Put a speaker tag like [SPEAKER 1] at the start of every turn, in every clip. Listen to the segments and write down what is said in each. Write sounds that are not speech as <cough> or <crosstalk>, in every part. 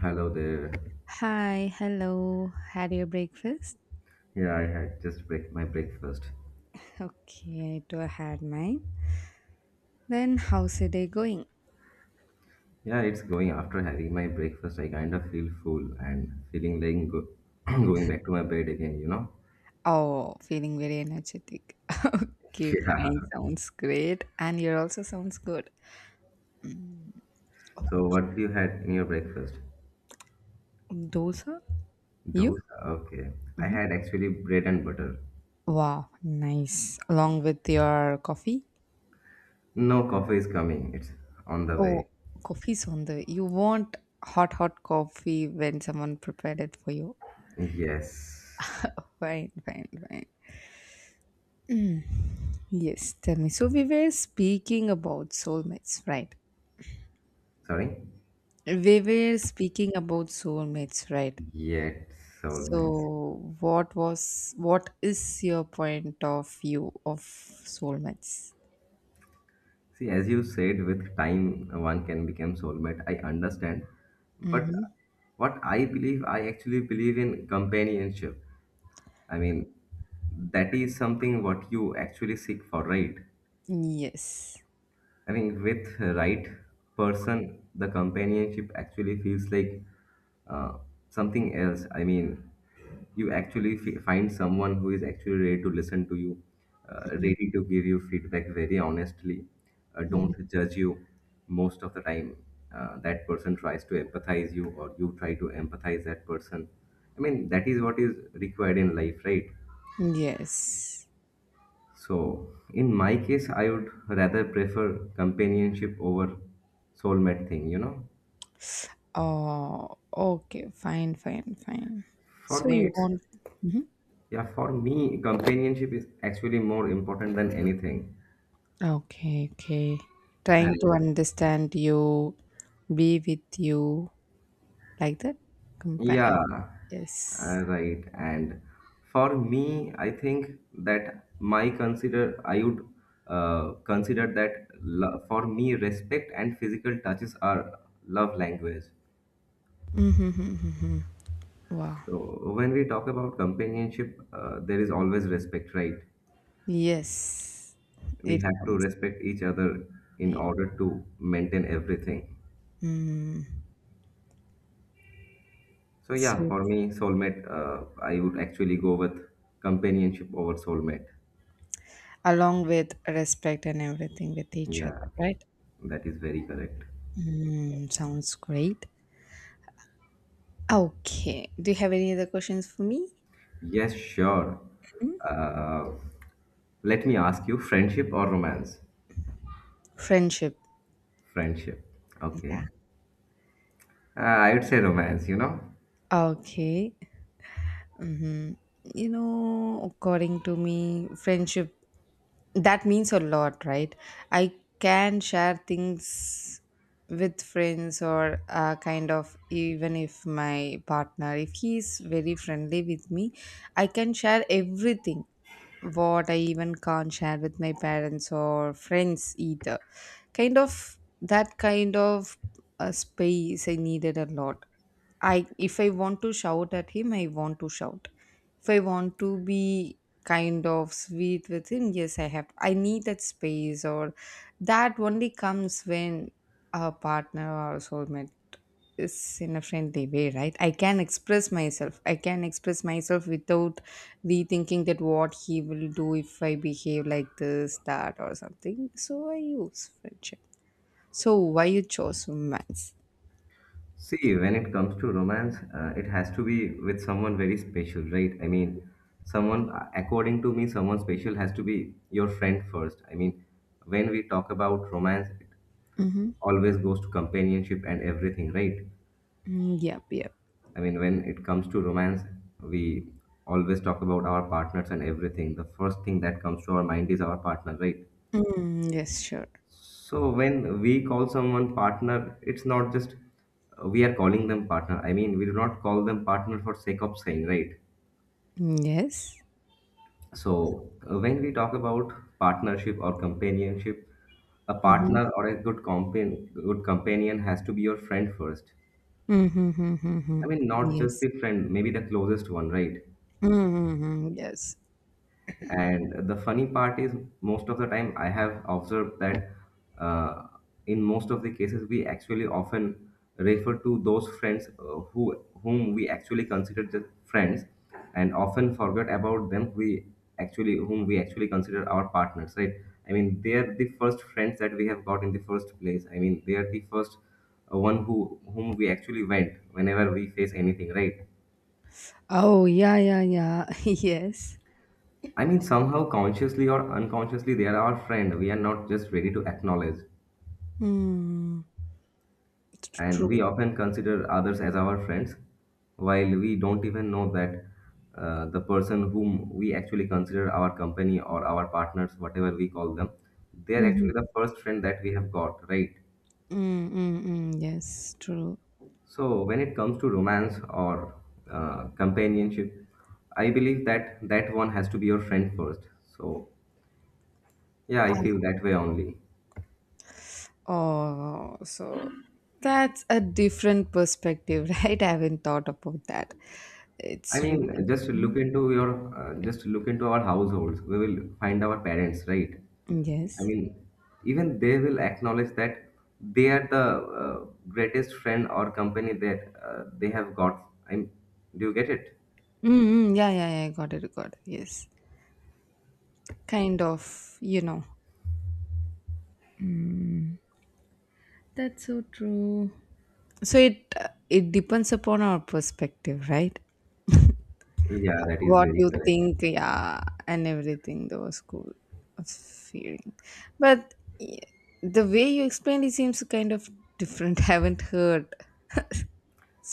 [SPEAKER 1] Hello there.
[SPEAKER 2] Hi, hello. Had your breakfast?
[SPEAKER 1] Yeah, I had just break my breakfast.
[SPEAKER 2] Okay, I too had mine. Then how's your day going?
[SPEAKER 1] Yeah, it's going after having my breakfast. I kind of feel full and feeling like <clears throat> going back to my bed again, you know?
[SPEAKER 2] Oh, feeling very energetic. <laughs>
[SPEAKER 1] <laughs>
[SPEAKER 2] Okay, fine.
[SPEAKER 1] Yeah.
[SPEAKER 2] Sounds great. And your also sounds good. Mm, oh,
[SPEAKER 1] So, what you had in your breakfast?
[SPEAKER 2] dosa? You?
[SPEAKER 1] Dosa. Okay. I
[SPEAKER 2] Mhm.
[SPEAKER 1] had actually bread and butter.
[SPEAKER 2] Wow, nice. Along with your coffee?
[SPEAKER 1] No coffee is coming. It's on the way.
[SPEAKER 2] Oh, coffee's on the. You want hot, hot coffee when someone prepared it for you?
[SPEAKER 1] Yes.
[SPEAKER 2] Fine, fine, fine. Mm. Yes, tell me. So we were speaking about soulmates, right?
[SPEAKER 1] Sorry?
[SPEAKER 2] We were speaking about soulmates, right?
[SPEAKER 1] Yet soulmates.
[SPEAKER 2] So what is your point of view of soulmates?
[SPEAKER 1] See, as you said, with time one can become soulmate. I understand, but
[SPEAKER 2] Mm-hmm.
[SPEAKER 1] what I believe, I actually believe in companionship. I mean, that is something what you actually seek for, right?
[SPEAKER 2] Yes.
[SPEAKER 1] I mean, with the right person, the companionship actually feels like uh, something else. I mean, you actually find someone who is actually ready to listen to you, ready to give you feedback very honestly,
[SPEAKER 2] Mm-hmm.
[SPEAKER 1] don't judge you most of the time. That person tries to empathize you, or you try to empathize that person. I mean, that is what is required in life, right?
[SPEAKER 2] Yes.
[SPEAKER 1] So, in my case, I would rather prefer companionship over soulmate thing, you know.
[SPEAKER 2] Oh, okay. Fine, fine, fine.
[SPEAKER 1] For
[SPEAKER 2] So
[SPEAKER 1] me,
[SPEAKER 2] you
[SPEAKER 1] it's
[SPEAKER 2] want? Mhm.
[SPEAKER 1] yeah, for me, companionship is actually more important than anything.
[SPEAKER 2] Okay, okay. Trying to
[SPEAKER 1] And
[SPEAKER 2] understand you, be with you. Like that companion,
[SPEAKER 1] yeah,
[SPEAKER 2] yes.
[SPEAKER 1] right. And for me, I think that my consider I would consider that for me, respect and physical touches are love language.
[SPEAKER 2] Mm-hmm. Wow.
[SPEAKER 1] So when we talk about companionship, there is always respect, right?
[SPEAKER 2] Yes,
[SPEAKER 1] We
[SPEAKER 2] it
[SPEAKER 1] have to
[SPEAKER 2] comes,
[SPEAKER 1] respect each other in
[SPEAKER 2] yeah.
[SPEAKER 1] order to maintain everything.
[SPEAKER 2] Mm.
[SPEAKER 1] So yeah,
[SPEAKER 2] So
[SPEAKER 1] for me, soulmate, I would actually go with companionship over soulmate.
[SPEAKER 2] along with respect and everything with each other,
[SPEAKER 1] Yeah,
[SPEAKER 2] right?
[SPEAKER 1] that is very correct.
[SPEAKER 2] Mm, sounds great. Okay, do you have any other questions for me?
[SPEAKER 1] Yes, sure.
[SPEAKER 2] Mm.
[SPEAKER 1] Uh, let me ask you, friendship or romance?
[SPEAKER 2] Friendship.
[SPEAKER 1] Friendship. Okay. I would say romance, you know.
[SPEAKER 2] Okay, you know, according to me, friendship, that means a lot, right? I can share things with friends or kind of, even if my partner, if he's very friendly with me, I can share everything, what I even can't share with my parents or friends either, kind of, that kind of a space I needed a lot. I, if I want to shout at him, I want to shout. If I want to be kind of sweet with him, yes, I have. I need that space, or that only comes when a partner or soulmate is in a friendly way, right? I can express myself. I can express myself without rethinking that what he will do if I behave like this, that, or something. So I use friendship. So why you chose romance?
[SPEAKER 1] See, when it comes to romance, it has to be with someone very special, right? I mean, someone, according to me, someone special has to be your friend first. I mean, when we talk about romance, it
[SPEAKER 2] Mm-hmm.
[SPEAKER 1] always goes to companionship and everything, right?
[SPEAKER 2] Mm, yep, yep.
[SPEAKER 1] I mean, when it comes to romance, we always talk about our partners and everything. The first thing that comes to our mind is our partner, right?
[SPEAKER 2] Mm, yes, sure.
[SPEAKER 1] So when we call someone partner, it's not just we are calling them partner. I mean, we do not call them partner for sake of saying, right?
[SPEAKER 2] Mm, yes.
[SPEAKER 1] So when we talk about partnership or companionship, a
[SPEAKER 2] Mm-hmm.
[SPEAKER 1] partner or a good companion has to be your friend first.
[SPEAKER 2] Mm-hmm. Mm-hmm.
[SPEAKER 1] I mean, not just
[SPEAKER 2] Yes.
[SPEAKER 1] the friend, maybe the closest one, right?
[SPEAKER 2] Mm-hmm. Yes.
[SPEAKER 1] And the funny part is, most of the time, I have observed that uh, in most of the cases, we actually often refer to those friends who whom we actually consider just friends, and often forget about them. We actually whom we actually consider our partners, right? I mean, they are the first friends that we have got in the first place. I mean, they are the first one who whom we actually went whenever we face anything, right?
[SPEAKER 2] Oh, yeah, yeah, yeah. <laughs> Yes.
[SPEAKER 1] I mean, somehow, consciously or unconsciously, they are our friend. We are not just ready to acknowledge.
[SPEAKER 2] Mm,
[SPEAKER 1] And
[SPEAKER 2] true.
[SPEAKER 1] we often consider others as our friends, while we don't even know that the person whom we actually consider our company or our partners, whatever we call them, they are actually
[SPEAKER 2] Mm-hmm.
[SPEAKER 1] the first friend that we have got, right?
[SPEAKER 2] Mm-hmm. Yes, true.
[SPEAKER 1] So, when it comes to romance or companionship, I believe that one has to be your friend first. So, yeah, I feel that way only.
[SPEAKER 2] Oh, so that's a different perspective, <laughs> right? I haven't thought about that.
[SPEAKER 1] I
[SPEAKER 2] It's really good.
[SPEAKER 1] mean, just
[SPEAKER 2] Mm,
[SPEAKER 1] look into your, just look into our households. We will find our parents, right? I
[SPEAKER 2] yes.
[SPEAKER 1] mean, even they will acknowledge that they are the greatest friend or company that they have got. I'm, do you get it?
[SPEAKER 2] Mm-hmm. Yeah, yeah, yeah. Got it, got it. Yes. Kind of, you know. Mm. That's so true. So it, it depends upon our perspective, right?
[SPEAKER 1] Yeah, that is
[SPEAKER 2] What
[SPEAKER 1] very
[SPEAKER 2] you
[SPEAKER 1] correct.
[SPEAKER 2] think, yeah, and everything. That was cool of feeling, but y- the way you explained it seems kind of different. <laughs> Haven't heard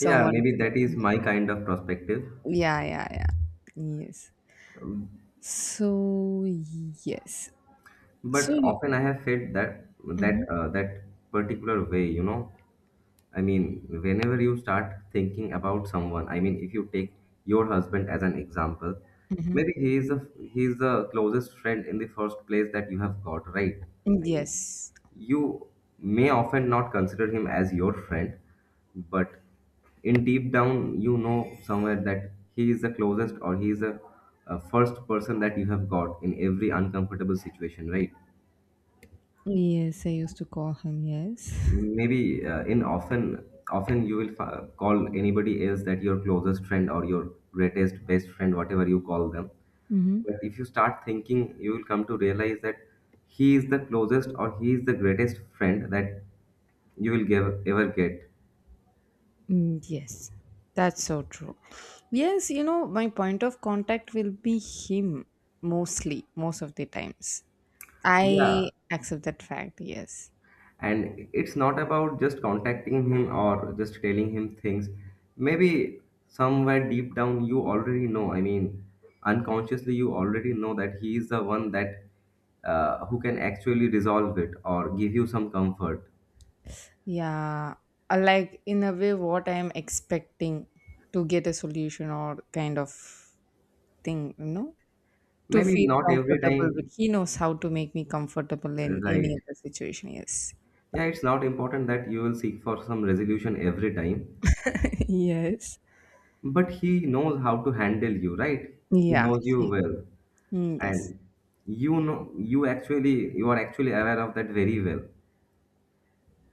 [SPEAKER 1] Yeah, maybe that is my kind of perspective.
[SPEAKER 2] Yeah, yeah, yeah. Yes. So yes. So
[SPEAKER 1] But
[SPEAKER 2] you.
[SPEAKER 1] often I have felt that
[SPEAKER 2] Hmm.
[SPEAKER 1] that particular way, you know. I mean, whenever you start thinking about someone, I mean, if you take your husband as an example,
[SPEAKER 2] Hmm.
[SPEAKER 1] maybe he is the closest friend in the first place that you have got, right? I mean,
[SPEAKER 2] Yes.
[SPEAKER 1] you may often not consider him as your friend, but in deep down, you know somewhere that he is the closest or he is the first person that you have got in every uncomfortable situation, right?
[SPEAKER 2] Yes, I used to call him. Yes.
[SPEAKER 1] Maybe in often often you will call anybody else that your closest friend or your greatest best friend, whatever you call them. But
[SPEAKER 2] <laughs>
[SPEAKER 1] if you start thinking, you will come to realize that he is the closest or he is the greatest friend that ever get.
[SPEAKER 2] Mm, yes, that's so true. Yes, you know, my point of contact will be him mostly, most of the times.
[SPEAKER 1] Yeah,
[SPEAKER 2] I accept that fact, yes.
[SPEAKER 1] and it's not about just contacting him or just telling him things. Maybe somewhere deep down you already know. I mean, unconsciously you already know that he is the one that who can actually resolve it or give you some comfort,
[SPEAKER 2] Yeah, like in a way, what I am expecting to get a solution or kind of thing, you know, to
[SPEAKER 1] maybe
[SPEAKER 2] feel
[SPEAKER 1] not every
[SPEAKER 2] comfortable with.
[SPEAKER 1] time.
[SPEAKER 2] He knows how to make me comfortable
[SPEAKER 1] Uh,
[SPEAKER 2] in
[SPEAKER 1] right.
[SPEAKER 2] any other situation, yes.
[SPEAKER 1] Yeah, it's not important that you will seek for some resolution every time,
[SPEAKER 2] <laughs> Yes.
[SPEAKER 1] but he knows how to handle you, right? He
[SPEAKER 2] Yeah,
[SPEAKER 1] knows you
[SPEAKER 2] he,
[SPEAKER 1] well,
[SPEAKER 2] mm, yes.
[SPEAKER 1] and you know you actually you are actually aware of that very well,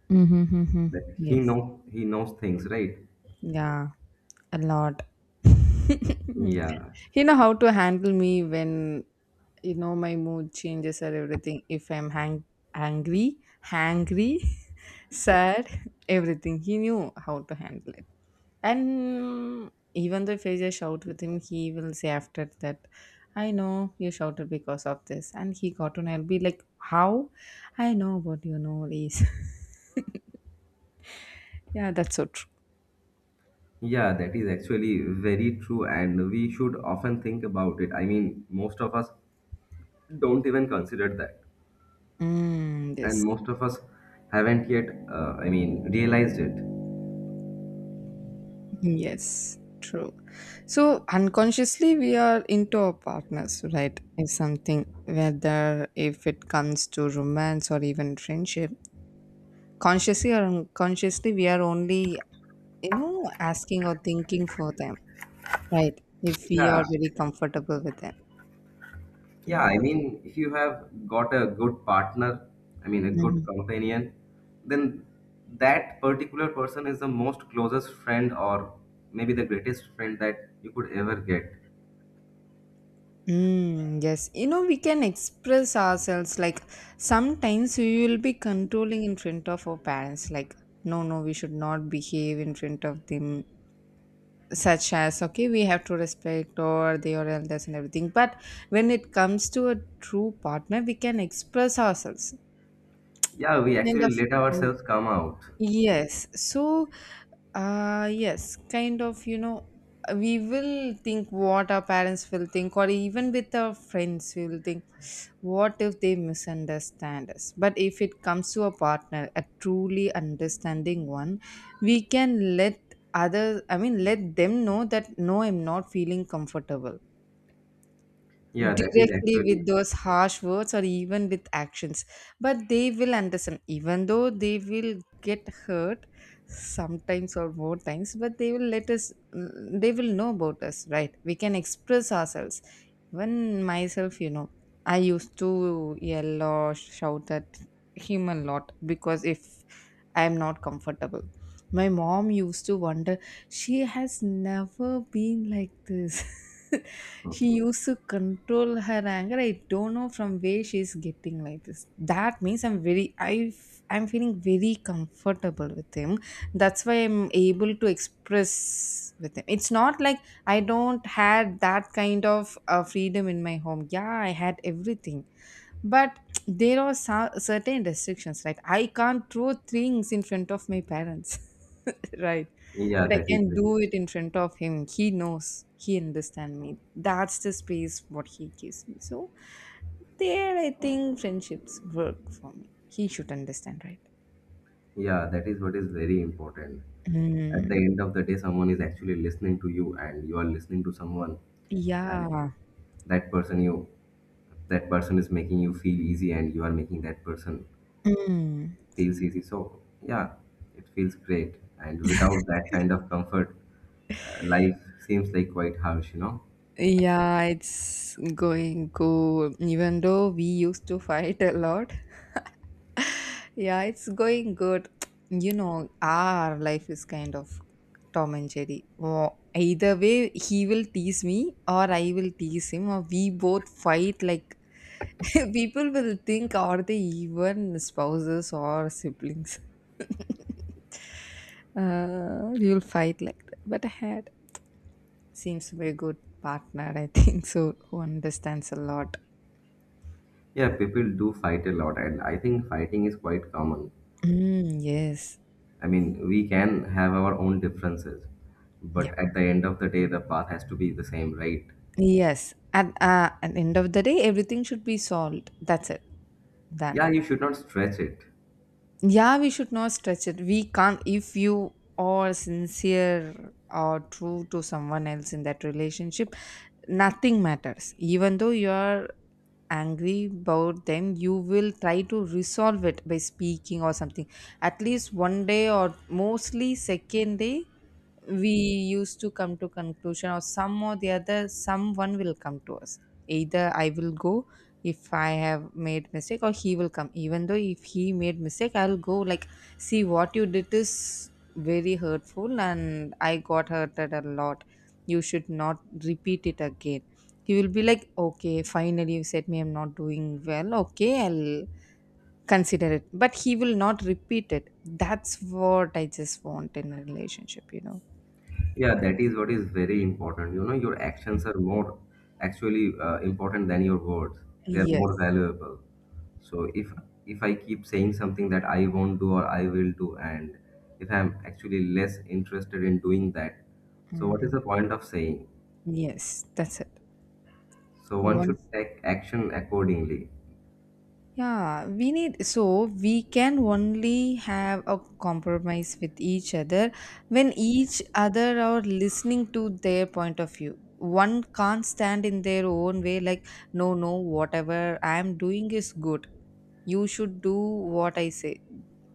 [SPEAKER 2] Mm-hmm, mm-hmm.
[SPEAKER 1] that he
[SPEAKER 2] Yes.
[SPEAKER 1] know he knows things, right?
[SPEAKER 2] Yeah. A lot. <laughs>
[SPEAKER 1] Yeah,
[SPEAKER 2] You know how to handle me when, you know, my mood changes or everything. If I'm angry, hangry, <laughs> sad, everything. He knew how to handle it. And even though if I just shout with him, he will say after that, I know you shouted because of this. And he got on, I'll be like, how? I know what you know is. <laughs> Yeah, that's so true.
[SPEAKER 1] yeah, that is actually very true and we should often think about it. I mean, most of us don't even consider that,
[SPEAKER 2] Mm,
[SPEAKER 1] and
[SPEAKER 2] yes.
[SPEAKER 1] most of us haven't yet I mean realized it.
[SPEAKER 2] Yes, true. So unconsciously, we are into our partners, right? Is something, whether if it comes to romance or even friendship, consciously or unconsciously, we are only, you know, asking or thinking for them, right? If we
[SPEAKER 1] Yeah.
[SPEAKER 2] are very comfortable with them.
[SPEAKER 1] Yeah, I
[SPEAKER 2] Mm.
[SPEAKER 1] mean, if you have got a good partner, I mean, a good
[SPEAKER 2] Mhm.
[SPEAKER 1] companion, then that particular person is the most closest friend or maybe the greatest friend that you could ever get.
[SPEAKER 2] Mm, yes, you know, we can express ourselves like sometimes we will be controlling in front of our parents, like, no, no, we should not behave in front of them, such as, okay, we have to respect or the or elders and everything. But when it comes to a true partner, we can express ourselves
[SPEAKER 1] Yeah, we
[SPEAKER 2] and of.
[SPEAKER 1] actually let ourselves come out.
[SPEAKER 2] Yes. So, yes, kind of, you know, we will think what our parents will think, or even with our friends, we will think, what if they misunderstand us? But if it comes to a partner, a truly understanding one, we can let other, let them know that, no, I'm not feeling comfortable
[SPEAKER 1] Yeah, that is
[SPEAKER 2] directly, with
[SPEAKER 1] actually
[SPEAKER 2] those harsh words or even with actions. But they will understand, even though they will get hurt sometimes or more times, but they will let us, mm, they will know about us, right? We can express ourselves. When myself, you know, I used to yell or shout at him a lot, because if I am not comfortable, my mom used to wonder, she has never been like this. <laughs> She
[SPEAKER 1] okay.
[SPEAKER 2] used to control her anger. I don't know from where she's getting like this. That means I'm very, I'm feeling very comfortable with him. That's why I'm able to express with him. It's not like I don't had that kind of freedom in my home. Yeah, I had everything, but there are certain restrictions, right? I can't throw things in front of my parents. <laughs> Right?
[SPEAKER 1] Yeah,
[SPEAKER 2] But I
[SPEAKER 1] that is
[SPEAKER 2] can
[SPEAKER 1] very,
[SPEAKER 2] do it in front of him. He knows, he understand me. That's the space what he gives me. So there, I think friendships work for me. He should understand, right?
[SPEAKER 1] yeah, that is what is very important. At the
[SPEAKER 2] Mm,
[SPEAKER 1] end of the day, someone is actually listening to you and you are listening to someone, and
[SPEAKER 2] yeah.
[SPEAKER 1] that person you that person is making you feel easy and you are making that person
[SPEAKER 2] Mm.
[SPEAKER 1] feels easy. So yeah, it feels great, and without that kind of comfort life seems like quite harsh, you know.
[SPEAKER 2] Yeah, it's going good. Even though we used to fight a lot, yeah, it's going good. You know, our life is kind of Tom and Jerry. Oh, either way, he will tease me or I will tease him, or we both fight. Like, <laughs> people will think, are they even spouses or siblings? <laughs> You'll fight like that. But I had seems to be a good partner, I think so, who understands a lot.
[SPEAKER 1] Yeah, people do fight a lot, and I think fighting is quite common.
[SPEAKER 2] Mm, yes.
[SPEAKER 1] I mean, we can have our own differences,
[SPEAKER 2] Yeah.
[SPEAKER 1] but at the end of the day the path has to be the same, right?
[SPEAKER 2] Yes. At the end of the day, everything should be solved. That's it. Done.
[SPEAKER 1] Yeah, you should not stretch it.
[SPEAKER 2] Yeah, we should not stretch it. We can't, if you are sincere or true to someone else in that relationship, nothing matters. Even though you are angry about them, you will try to resolve it by speaking or something. At least one day or mostly second day, we used to come to conclusion or some or the other, someone will come to us. Either I will go, if I have made mistake, or he will come. Even though if he made mistake, I'll go like, see what you did is very hurtful and I got hurted a lot. You should not repeat it again. He will be like, okay, finally you said me I'm not doing well, okay, I'll consider it. But he will not repeat it. That's what I just want in a relationship, you know.
[SPEAKER 1] Yeah, that is what is very important. You know, your actions are more actually important than your words. They are more
[SPEAKER 2] Yes.
[SPEAKER 1] valuable. So if I keep saying something that I won't do or I will do, and if I'm actually less interested in doing that, so what is
[SPEAKER 2] Mm,
[SPEAKER 1] the point of saying?
[SPEAKER 2] yes, that's it.
[SPEAKER 1] So one should
[SPEAKER 2] Once,
[SPEAKER 1] take action accordingly.
[SPEAKER 2] yeah, we need, so we can only have a compromise with each other when each other are listening to their point of view. One can't stand in their own way, like, no, no, whatever I'm doing is good. You should do what I say.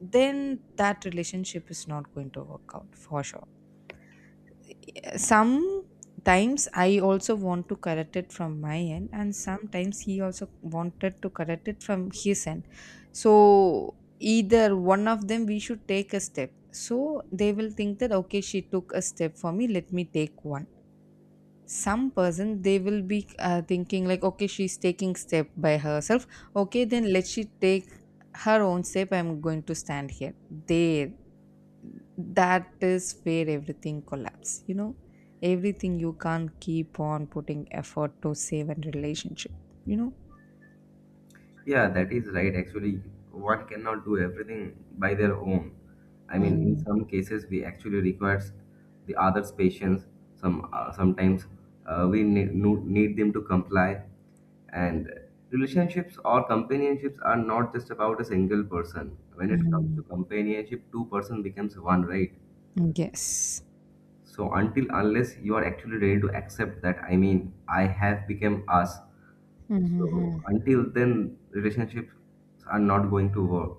[SPEAKER 2] Then that relationship is not going to work out for sure. Sometimes I also want to correct it from my end, and sometimes he also wanted to correct it from his end. So either one of them, we should take a step, so they will think that, okay, she took a step for me, let me take one. Some person, they will be thinking like, okay, she's taking step by herself, okay then let she take her own step, I'm going to stand here, there. That is where everything collapses, you know. Everything, you can't keep on putting effort to save and relationship, you know.
[SPEAKER 1] Yeah, that is right. Actually, one cannot do everything by their own. I mean, in
[SPEAKER 2] Mm,
[SPEAKER 1] some cases, we actually requires the other's patience. Some sometimes we need, no- need them to comply. And relationships or companionships are not just about a single person. When it comes
[SPEAKER 2] mm,
[SPEAKER 1] to companionship, two-person becomes one, right?
[SPEAKER 2] yes.
[SPEAKER 1] So until unless you are actually ready to accept that, I mean, I have become us.
[SPEAKER 2] Mhm,
[SPEAKER 1] So
[SPEAKER 2] mhm.
[SPEAKER 1] until then, relationships are not going to work.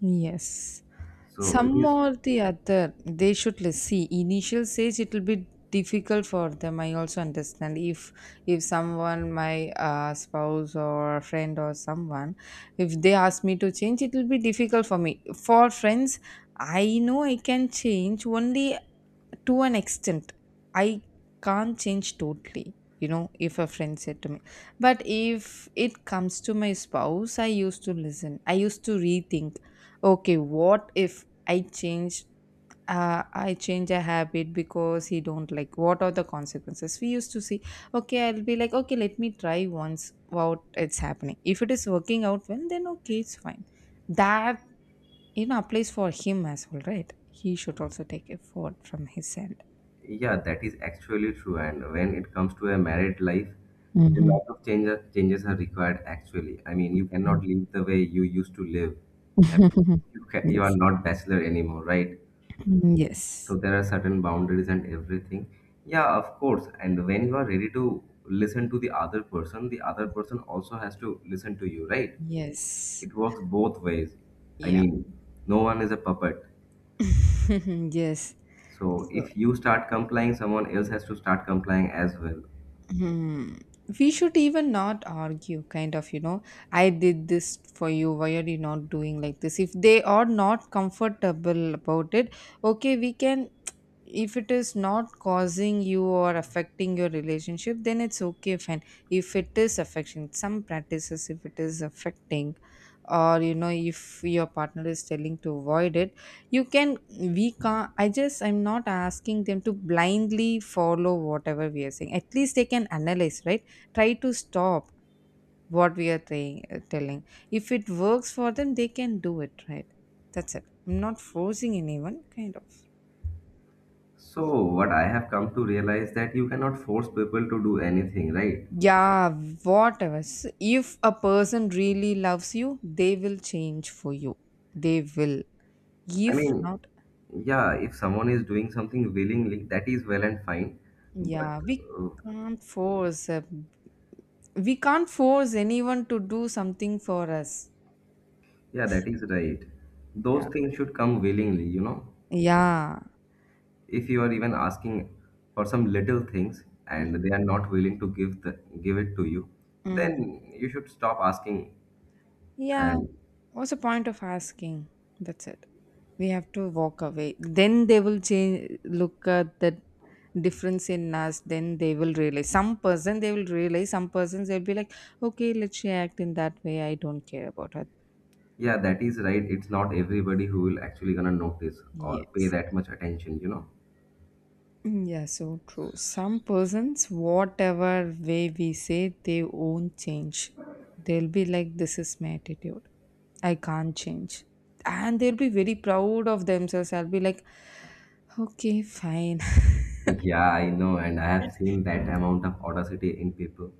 [SPEAKER 2] Yes.
[SPEAKER 1] So it
[SPEAKER 2] Some
[SPEAKER 1] is,
[SPEAKER 2] or the other, they should, let's see, initial stage it will be difficult for them. I also understand, if someone, my spouse or friend or someone, if they ask me to change, it will be difficult for me. For friends, I know I can change only to an extent, I can't change totally, you know, if a friend said to me. But if it comes to my spouse, I used to listen, I used to rethink, okay, what if I change, I change a habit because he don't like, what are the consequences, we used to see. Okay, I'll be like, okay, let me try once what it's happening, if it is working out well then okay, it's fine. That, you know, applies for him as well, right? He should also take effort from his end.
[SPEAKER 1] yeah, that is actually true. And when it comes to a married life, a
[SPEAKER 2] Mhm.
[SPEAKER 1] lot of changes are required. Actually, I mean, you cannot live the way you used to live. I mean,
[SPEAKER 2] <laughs>
[SPEAKER 1] you are
[SPEAKER 2] Yes.
[SPEAKER 1] not bachelor anymore, right?
[SPEAKER 2] Mm, yes.
[SPEAKER 1] So there are certain boundaries and everything. Yeah, of course. And when you are ready to listen to the other person also has to listen to you, right?
[SPEAKER 2] Yes.
[SPEAKER 1] It works both ways. I
[SPEAKER 2] Yep.
[SPEAKER 1] mean, no one is a puppet.
[SPEAKER 2] <laughs> Yes.
[SPEAKER 1] So
[SPEAKER 2] So,
[SPEAKER 1] if you start complying, someone else has to start complying as well.
[SPEAKER 2] hmm. We should even not argue, kind of, you know, I did this for you. Why are you not doing like this? If they are not comfortable about it, okay, we can, if it is not causing you or affecting your relationship, then it's okay, fine. If it is affecting some practices, if it is affecting, or you know, if your partner is telling to avoid it, you can, we can't. I'm not asking them to blindly follow whatever we are saying. At least they can analyze, right? Try to stop what we are saying, telling. If it works for them, they can do it, right? That's it. I'm not forcing anyone, kind of.
[SPEAKER 1] So what I have come to realize that you cannot force people to do anything, right?
[SPEAKER 2] Yeah, whatever. If a person really loves you, they will change for you. They will.
[SPEAKER 1] I
[SPEAKER 2] If
[SPEAKER 1] mean,
[SPEAKER 2] not,
[SPEAKER 1] yeah, if someone is doing something willingly, that is well and fine. But
[SPEAKER 2] yeah, we
[SPEAKER 1] uh,
[SPEAKER 2] can't force. We can't force anyone to do something for us.
[SPEAKER 1] yeah, that is right. Those
[SPEAKER 2] Yeah.
[SPEAKER 1] things should come willingly, you know.
[SPEAKER 2] Yeah.
[SPEAKER 1] If you are even asking for some little things and
[SPEAKER 2] Mhm.
[SPEAKER 1] they are not willing to give it to you, then
[SPEAKER 2] Mm.
[SPEAKER 1] you should stop asking.
[SPEAKER 2] Yeah.
[SPEAKER 1] And
[SPEAKER 2] What's the point of asking? That's it. We have to walk away, then they will change. Look at the difference in us, then they will realize. Some person, they will realize. Some persons, they'll be like, okay, let's react in that way, I don't care about her.
[SPEAKER 1] yeah, that is right, it's not everybody who will actually gonna notice or pay
[SPEAKER 2] Yes.
[SPEAKER 1] that much attention, you know.
[SPEAKER 2] Mm, yeah, so true. Some persons, whatever way we say, they won't change. They'll be like, this is my attitude, I can't change. And they'll be very proud of themselves. I'll be like, okay, fine.
[SPEAKER 1] <laughs> Yeah, I know, and I have
[SPEAKER 2] <laughs>
[SPEAKER 1] seen that amount of audacity in people,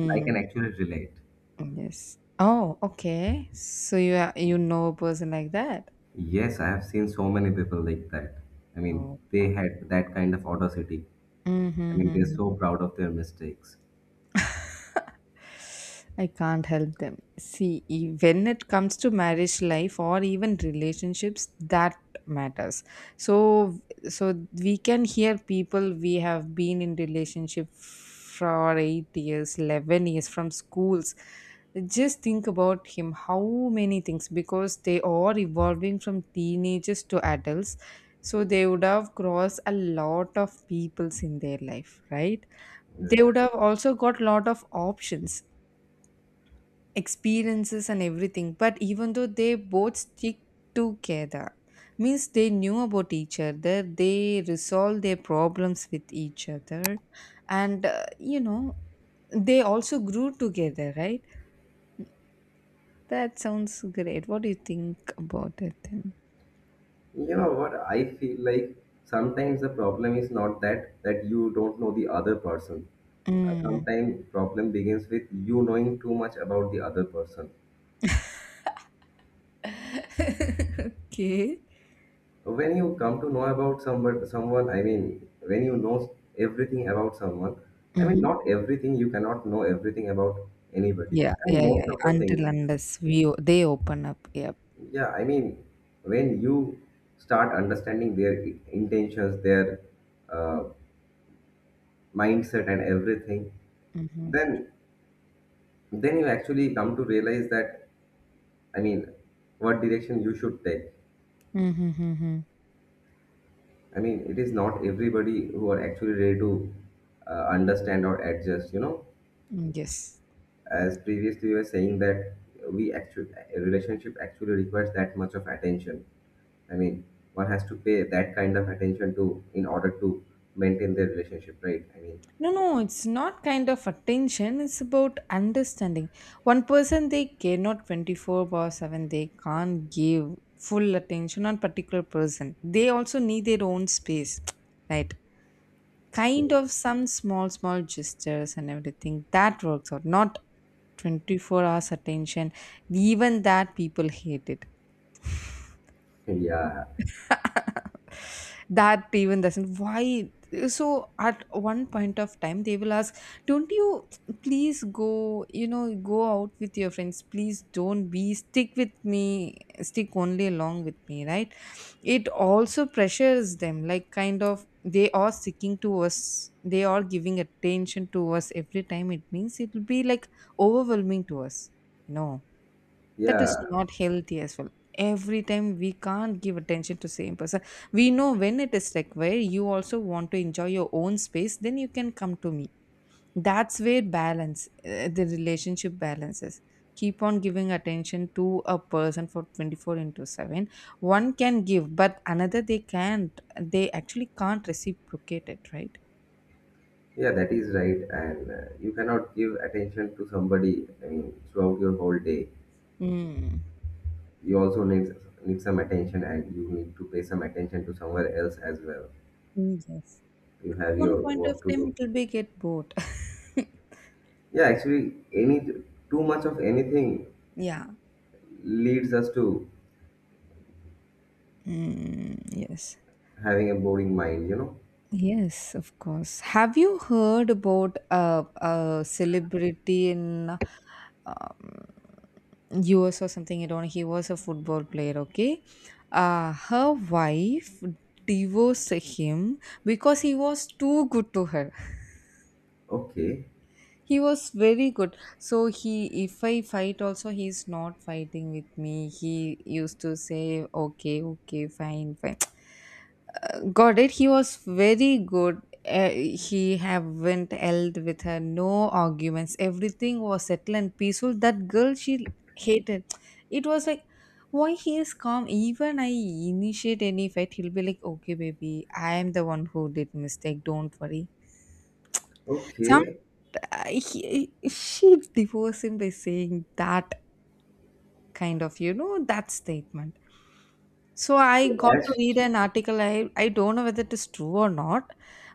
[SPEAKER 1] and I can actually relate.
[SPEAKER 2] Yes. Oh, okay. So you are, you know, a person like that?
[SPEAKER 1] Yes, I have seen so many people like that. I mean,
[SPEAKER 2] Oh
[SPEAKER 1] they
[SPEAKER 2] God.
[SPEAKER 1] had that kind of audacity. I mean, they're
[SPEAKER 2] Mm-hmm.
[SPEAKER 1] so proud of their mistakes.
[SPEAKER 2] <laughs> I can't help them. See, when it comes to marriage life or even relationships, that matters. So, so we can hear people, we have been in relationship for 8 years, 11 years from schools. Just think about him. How many things? Because they are evolving from teenagers to adults, so they would have crossed a lot of peoples in their life, right? They would have also got lot of options, experiences and everything, but even though they both stick together, means they knew about each other, they resolved their problems with each other, and you know, they also grew together, right? That sounds great. What do you think about it then?
[SPEAKER 1] You know what? I feel like sometimes the problem is not that you don't know the other person.
[SPEAKER 2] Mm.
[SPEAKER 1] Sometimes problem begins with you knowing too much about the other person.
[SPEAKER 2] <laughs> Okay.
[SPEAKER 1] When you come to know about someone, I mean, when you know everything about someone, I mean,
[SPEAKER 2] Hmm.
[SPEAKER 1] not everything. You cannot know everything about anybody.
[SPEAKER 2] yeah
[SPEAKER 1] I
[SPEAKER 2] yeah
[SPEAKER 1] mean,
[SPEAKER 2] yeah
[SPEAKER 1] most
[SPEAKER 2] yeah.
[SPEAKER 1] of the
[SPEAKER 2] Until
[SPEAKER 1] things.
[SPEAKER 2] unless we they open up. Yep.
[SPEAKER 1] Yeah, I mean, when you start understanding their intentions, their uh, mindset, and everything,
[SPEAKER 2] Mm-hmm.
[SPEAKER 1] then then you actually come to realize that i mean what direction you should take.
[SPEAKER 2] Mm-hmm. Mm-hmm.
[SPEAKER 1] It is not everybody who are actually ready to understand or adjust,
[SPEAKER 2] Yes.
[SPEAKER 1] as previously we were saying that we actually, a relationship actually requires that much of attention. i mean One has to pay that kind of attention to in order to maintain their relationship, right?
[SPEAKER 2] No, no, it's not kind of attention. It's about understanding. One person, they cannot 24 by 7. They can't give full attention on particular person. They also need their own space, <tsk> right? Kind
[SPEAKER 1] Mean
[SPEAKER 2] of some small, small gestures and everything. That works out. Not 24 hours attention. Even that, people hate it.
[SPEAKER 1] yeah,
[SPEAKER 2] That even doesn't, why? So at one point of time they will ask, don't you please go, you know, go out with your friends, please don't be stick with me, stick only along with me, right? It also pressures them, like kind of they are sticking to us, they are giving attention to us every time, it means it will be like overwhelming to us, you know. That is
[SPEAKER 1] yeah,
[SPEAKER 2] not healthy as well. Every time we can't give attention to same person. We know when it is required, you also want to enjoy your own space, then you can come to me. That's where balance, the relationship balances. Keep on giving attention to a person for 24 into 7, one can give, but another they can't, they actually can't reciprocate it, right?
[SPEAKER 1] yeah, that is right. And you cannot give attention to somebody, throughout your whole day.
[SPEAKER 2] Mm.
[SPEAKER 1] You also need, some attention, and you need to pay some attention to somewhere else as well.
[SPEAKER 2] Mm, yes.
[SPEAKER 1] You have
[SPEAKER 2] One
[SPEAKER 1] your
[SPEAKER 2] point of
[SPEAKER 1] work to
[SPEAKER 2] time it
[SPEAKER 1] do.
[SPEAKER 2] will be get bored. <laughs>
[SPEAKER 1] Yeah, actually any, too much of anything
[SPEAKER 2] Yeah.
[SPEAKER 1] leads us to
[SPEAKER 2] Mm, yes.
[SPEAKER 1] having a boring mind, you know.
[SPEAKER 2] Yes, of course. Have you heard about a celebrity in um, US or something? I don't know. He was a football player, okay? Her wife divorced him because he was too good to her. <laughs>
[SPEAKER 1] Okay,
[SPEAKER 2] He was very good. So he, if I fight also, he's not fighting with me. He used to say, okay, okay, fine, fine. Got it. He was very good. He haven't held with her. No arguments. Everything was settled and peaceful. That girl, she hated. It was like, why he is calm? Even I initiate any fight, he'll be like, okay, baby, I am the one who did mistake. Don't worry. Some
[SPEAKER 1] okay,
[SPEAKER 2] she divorced him by saying that kind of, you know, that statement. So I
[SPEAKER 1] so
[SPEAKER 2] got to
[SPEAKER 1] as,
[SPEAKER 2] read an article. I don't know whether it is true or not,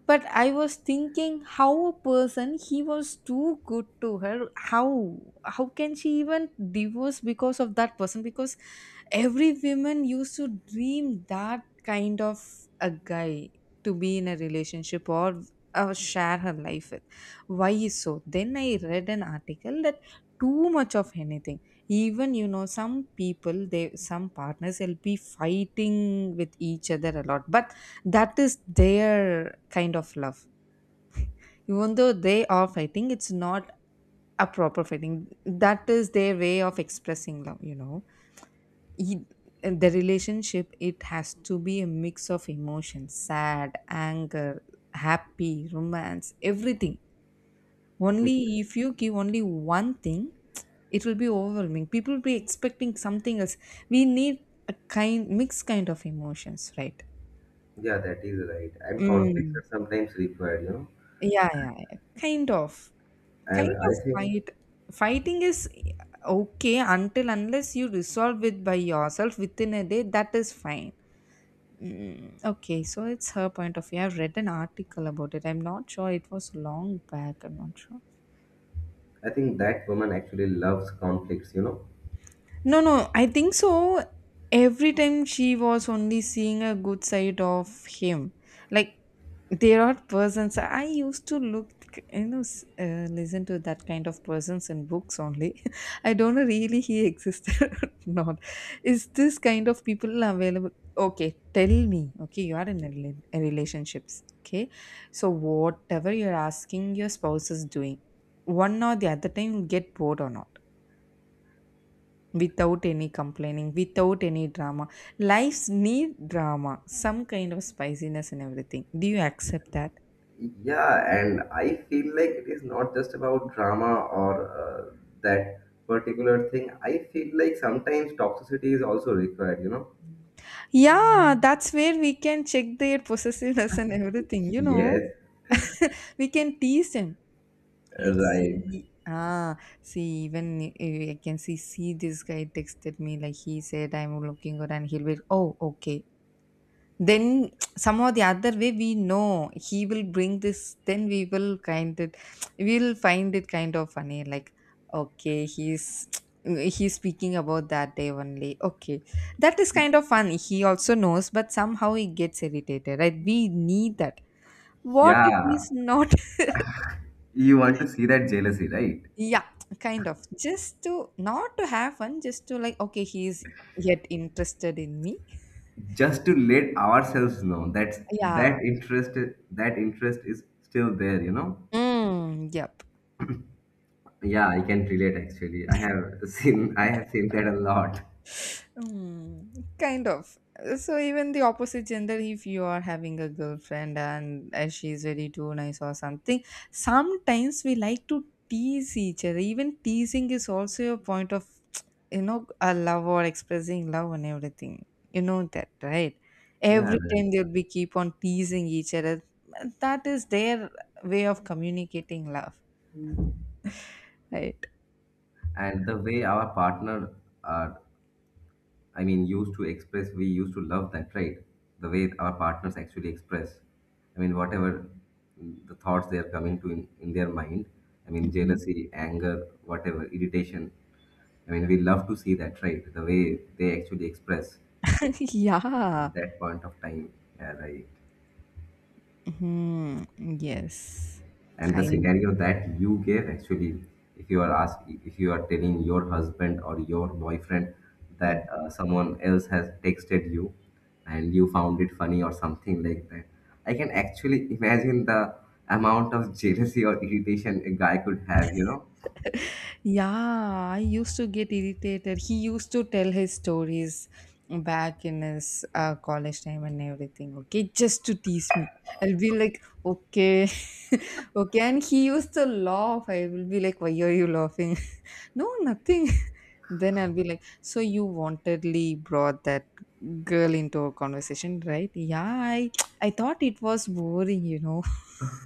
[SPEAKER 2] but I was thinking how a person, he was too good to her. How can she even divorce because of that person? Because every woman used to dream that kind of a guy to be in a relationship or share her life with. Why is so? Then I read an article that too much of anything, even, you know, some people, they, some partners will be fighting with each other a lot, but that is their kind of love. Even though they are fighting, it's not a proper fighting, that is their way of expressing love, you know. E- and the relationship, it has to be a mix of emotions: sad, anger, happy, romance, everything. Only if you give only one thing, it will be overwhelming, people will be expecting something else. We need a kind mixed kind of emotions, right?
[SPEAKER 1] yeah, that is right. And conflicts
[SPEAKER 2] Mm.
[SPEAKER 1] are sometimes required, you know.
[SPEAKER 2] Yeah, yeah, yeah. Kind of.
[SPEAKER 1] And
[SPEAKER 2] Kind of
[SPEAKER 1] I think
[SPEAKER 2] fight, fighting is okay, until unless you resolve it by yourself within a day, that is fine. Mm, okay, so it's her point of view. I've read an article about it, I'm not sure, it was long back, I'm not sure.
[SPEAKER 1] I think that woman actually loves conflicts, you know.
[SPEAKER 2] No, no, I think so. Every time she was only seeing a good side of him, like, there are persons. I used to look, you know, listen to that kind of persons in books only. <laughs> I don't know really he existed <laughs> or not. Is this kind of people available? Okay, tell me, okay, you are in a a relationships, okay? So whatever you're asking, your spouse is doing. One or the other time you'll get bored or not? Without any complaining, without any drama. Lives need drama, some kind of spiciness and everything. Do you accept that?
[SPEAKER 1] Yeah, and I feel like it is not just about drama or uh, that particular thing. I feel like sometimes toxicity is also required, you know?
[SPEAKER 2] Yeah, that's where we can check their possessiveness and everything, you know.
[SPEAKER 1] Yes,
[SPEAKER 2] We can tease them. Like, see,
[SPEAKER 1] right.
[SPEAKER 2] ah, see, even I can see, see, this guy texted me, like, he said, I'm looking good, and he'll be, oh, okay, then somehow the other way we know he will bring this, then we will kind of <tsk> we'll find it kind of funny, like, okay, he's <tsk> he's speaking about that day only. Okay. That is kind of fun. He also knows, but somehow he gets irritated, right? We need that. What if
[SPEAKER 1] Yeah,
[SPEAKER 2] he's not?
[SPEAKER 1] you want to see that jealousy, right?
[SPEAKER 2] <laughs> Yeah, kind of. Just to not to have fun, just to like, okay, he's yet interested in me.
[SPEAKER 1] Just to let ourselves know that
[SPEAKER 2] Yeah.
[SPEAKER 1] that interest is still there, you know?
[SPEAKER 2] Mm, yeah.
[SPEAKER 1] Yeah, I can relate actually. I have seen that a lot.
[SPEAKER 2] Mm, kind of. So even the opposite gender, if you are having a girlfriend and she's very too nice or something, sometimes we like to tease each other. Even teasing is also a point of, <tsk> you know, a love or expressing love and everything. You know that, right?
[SPEAKER 1] Yeah,
[SPEAKER 2] Every
[SPEAKER 1] right.
[SPEAKER 2] time they'll be keep on teasing each other. That is their way of communicating love, right?
[SPEAKER 1] And the way our partner are. I mean, used to express, we used to love that, right? The way our partners actually express. I mean, whatever the thoughts they are coming to in their mind, I mean, jealousy, anger, whatever, irritation. I mean, we love to see that, right? The way they actually express
[SPEAKER 2] <laughs> Yeah.
[SPEAKER 1] at that point of time. Yeah, right.
[SPEAKER 2] Hmm. Yes.
[SPEAKER 1] And the
[SPEAKER 2] Kind.
[SPEAKER 1] scenario that you gave actually, if you are telling your husband or your boyfriend that someone else has texted you and you found it funny or something like that, I can actually imagine the amount of jealousy or irritation a guy could have, you know.
[SPEAKER 2] Yeah, I used to get irritated. He used to tell his stories back in his college time and everything, okay, just to tease me. I'll be like, okay, <laughs> okay. And he used to laugh. I will be like, why are you laughing? <laughs> No, nothing. <laughs> Then I'll be like, so you wantedly brought that girl into a conversation, right? Yeah, I, <tsk> I thought it was boring, you know. <laughs>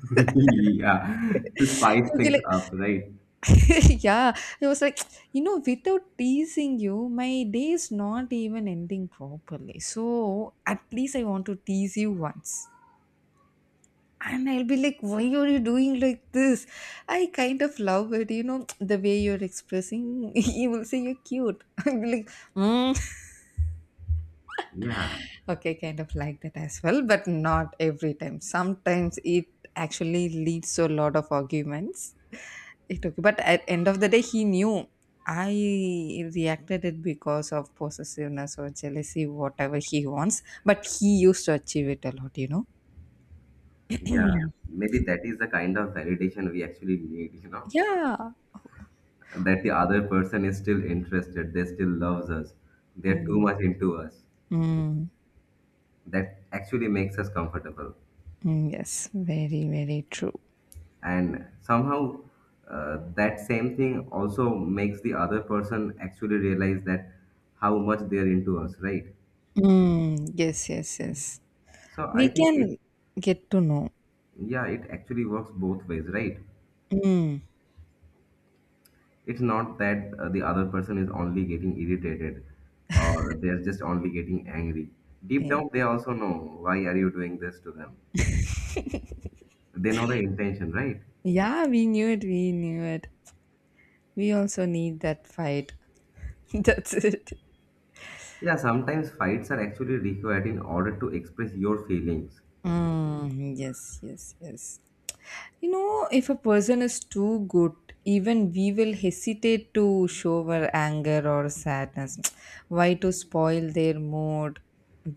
[SPEAKER 1] <laughs> Yeah, to spice
[SPEAKER 2] You'll be
[SPEAKER 1] things
[SPEAKER 2] like,
[SPEAKER 1] up, right?
[SPEAKER 2] <laughs> yeah, he was like, <tsk> you know, without teasing you, my day is not even ending properly. So at least I want to tease you once. And I'll be like, why are you doing like this? I kind of love it, you know, <tsk> the way you're expressing. <laughs> You will say you're cute. <laughs> I'll be like, "Hmm,
[SPEAKER 1] Yeah,
[SPEAKER 2] okay," kind of like that as well, but not every time. Sometimes it actually leads to a lot of arguments. It okay, but at end of the day, he knew I reacted it because of possessiveness or jealousy, whatever he wants. But he used to achieve it a lot, you know.
[SPEAKER 1] yeah, maybe that is the kind of validation we actually need, you know.
[SPEAKER 2] Yeah.
[SPEAKER 1] That the other person is still interested, they still loves us, they're too
[SPEAKER 2] Mm,
[SPEAKER 1] much into us.
[SPEAKER 2] mm,
[SPEAKER 1] That actually makes us comfortable.
[SPEAKER 2] mm, yes, very, very true.
[SPEAKER 1] And somehow, that same thing also makes the other person actually realize that how much they're into us, right?
[SPEAKER 2] Mm, yes, yes, yes.
[SPEAKER 1] So I
[SPEAKER 2] We
[SPEAKER 1] think it,
[SPEAKER 2] can get to know.
[SPEAKER 1] yeah, it actually works both ways, right?
[SPEAKER 2] Mm,
[SPEAKER 1] It's not that the other person is only getting irritated or they're just only getting angry. Deep
[SPEAKER 2] yeah.
[SPEAKER 1] down, they also know why are you doing this to them. They know the intention, right?
[SPEAKER 2] Yeah, we knew it. We knew it. We also need that fight. <laughs> That's it.
[SPEAKER 1] Yeah, sometimes fights are actually required in order to express your feelings.
[SPEAKER 2] Mm, yes, yes, yes. You know, if a person is too good, even we will hesitate to show our anger or sadness. <tsk> Why to spoil their mood?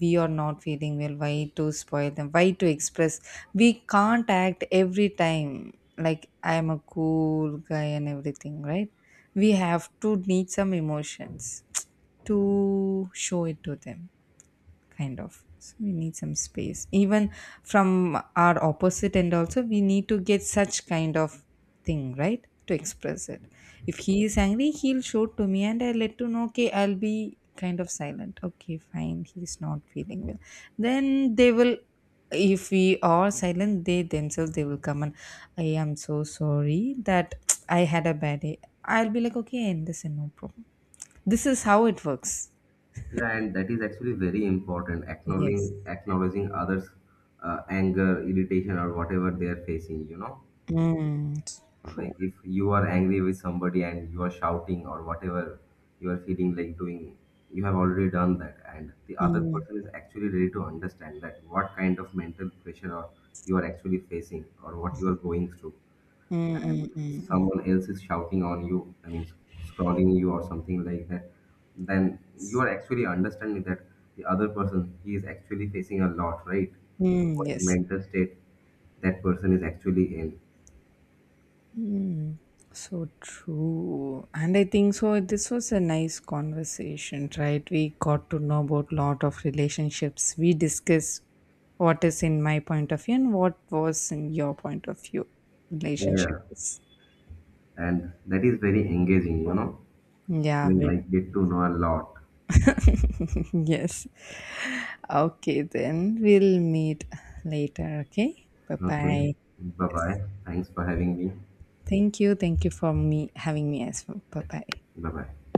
[SPEAKER 2] We are not feeling well. Why to spoil them? Why to express? We can't act every time like I am a cool guy and everything, right? We have to need some emotions <tsk> to show it to them. Kind of, so we need some space. Even from our opposite end also we need to get such kind of thing, right, to express it. If he is angry, he'll show to me, and I'll let to know, okay, I'll be kind of silent, okay, fine, he's not feeling well. Then they will, if we are silent, they themselves they will come and, I am so sorry that <tsk> I had a bad day. I'll be like, okay, and this is no problem. This is how it works.
[SPEAKER 1] Yeah, and that is actually very important.
[SPEAKER 2] Yes.
[SPEAKER 1] Acknowledging others' anger, irritation, or whatever they are facing. You know,
[SPEAKER 2] Mm, true.
[SPEAKER 1] like if you are angry with somebody and you are shouting or whatever you are feeling like doing, you have already done that, and the other
[SPEAKER 2] Mm,
[SPEAKER 1] person is actually ready to understand that what kind of mental pressure or you are actually facing or what you are going through. And
[SPEAKER 2] mm, mm, mm,
[SPEAKER 1] someone else is shouting on you, I mean, scrolling you or something like that, then you are actually understanding that the other person, he is actually facing a lot, right?
[SPEAKER 2] mm,
[SPEAKER 1] What
[SPEAKER 2] yes.
[SPEAKER 1] mental state that person is actually in.
[SPEAKER 2] Mm, so true. And I think so this was a nice conversation, right? We got to know about lot of relationships. We discuss what is in my point of view and what was in your point of view,
[SPEAKER 1] Yeah,
[SPEAKER 2] relationships.
[SPEAKER 1] and that is very engaging, you know. I
[SPEAKER 2] Yeah,
[SPEAKER 1] mean,
[SPEAKER 2] we-
[SPEAKER 1] I get to know a lot.
[SPEAKER 2] <laughs> yes. Okay, then we'll meet later, okay?
[SPEAKER 1] Okay,
[SPEAKER 2] Bye-bye.
[SPEAKER 1] bye bye. Thanks for having me.
[SPEAKER 2] Thank you. Thank you for me having me as well. Bye-bye.
[SPEAKER 1] Bye bye.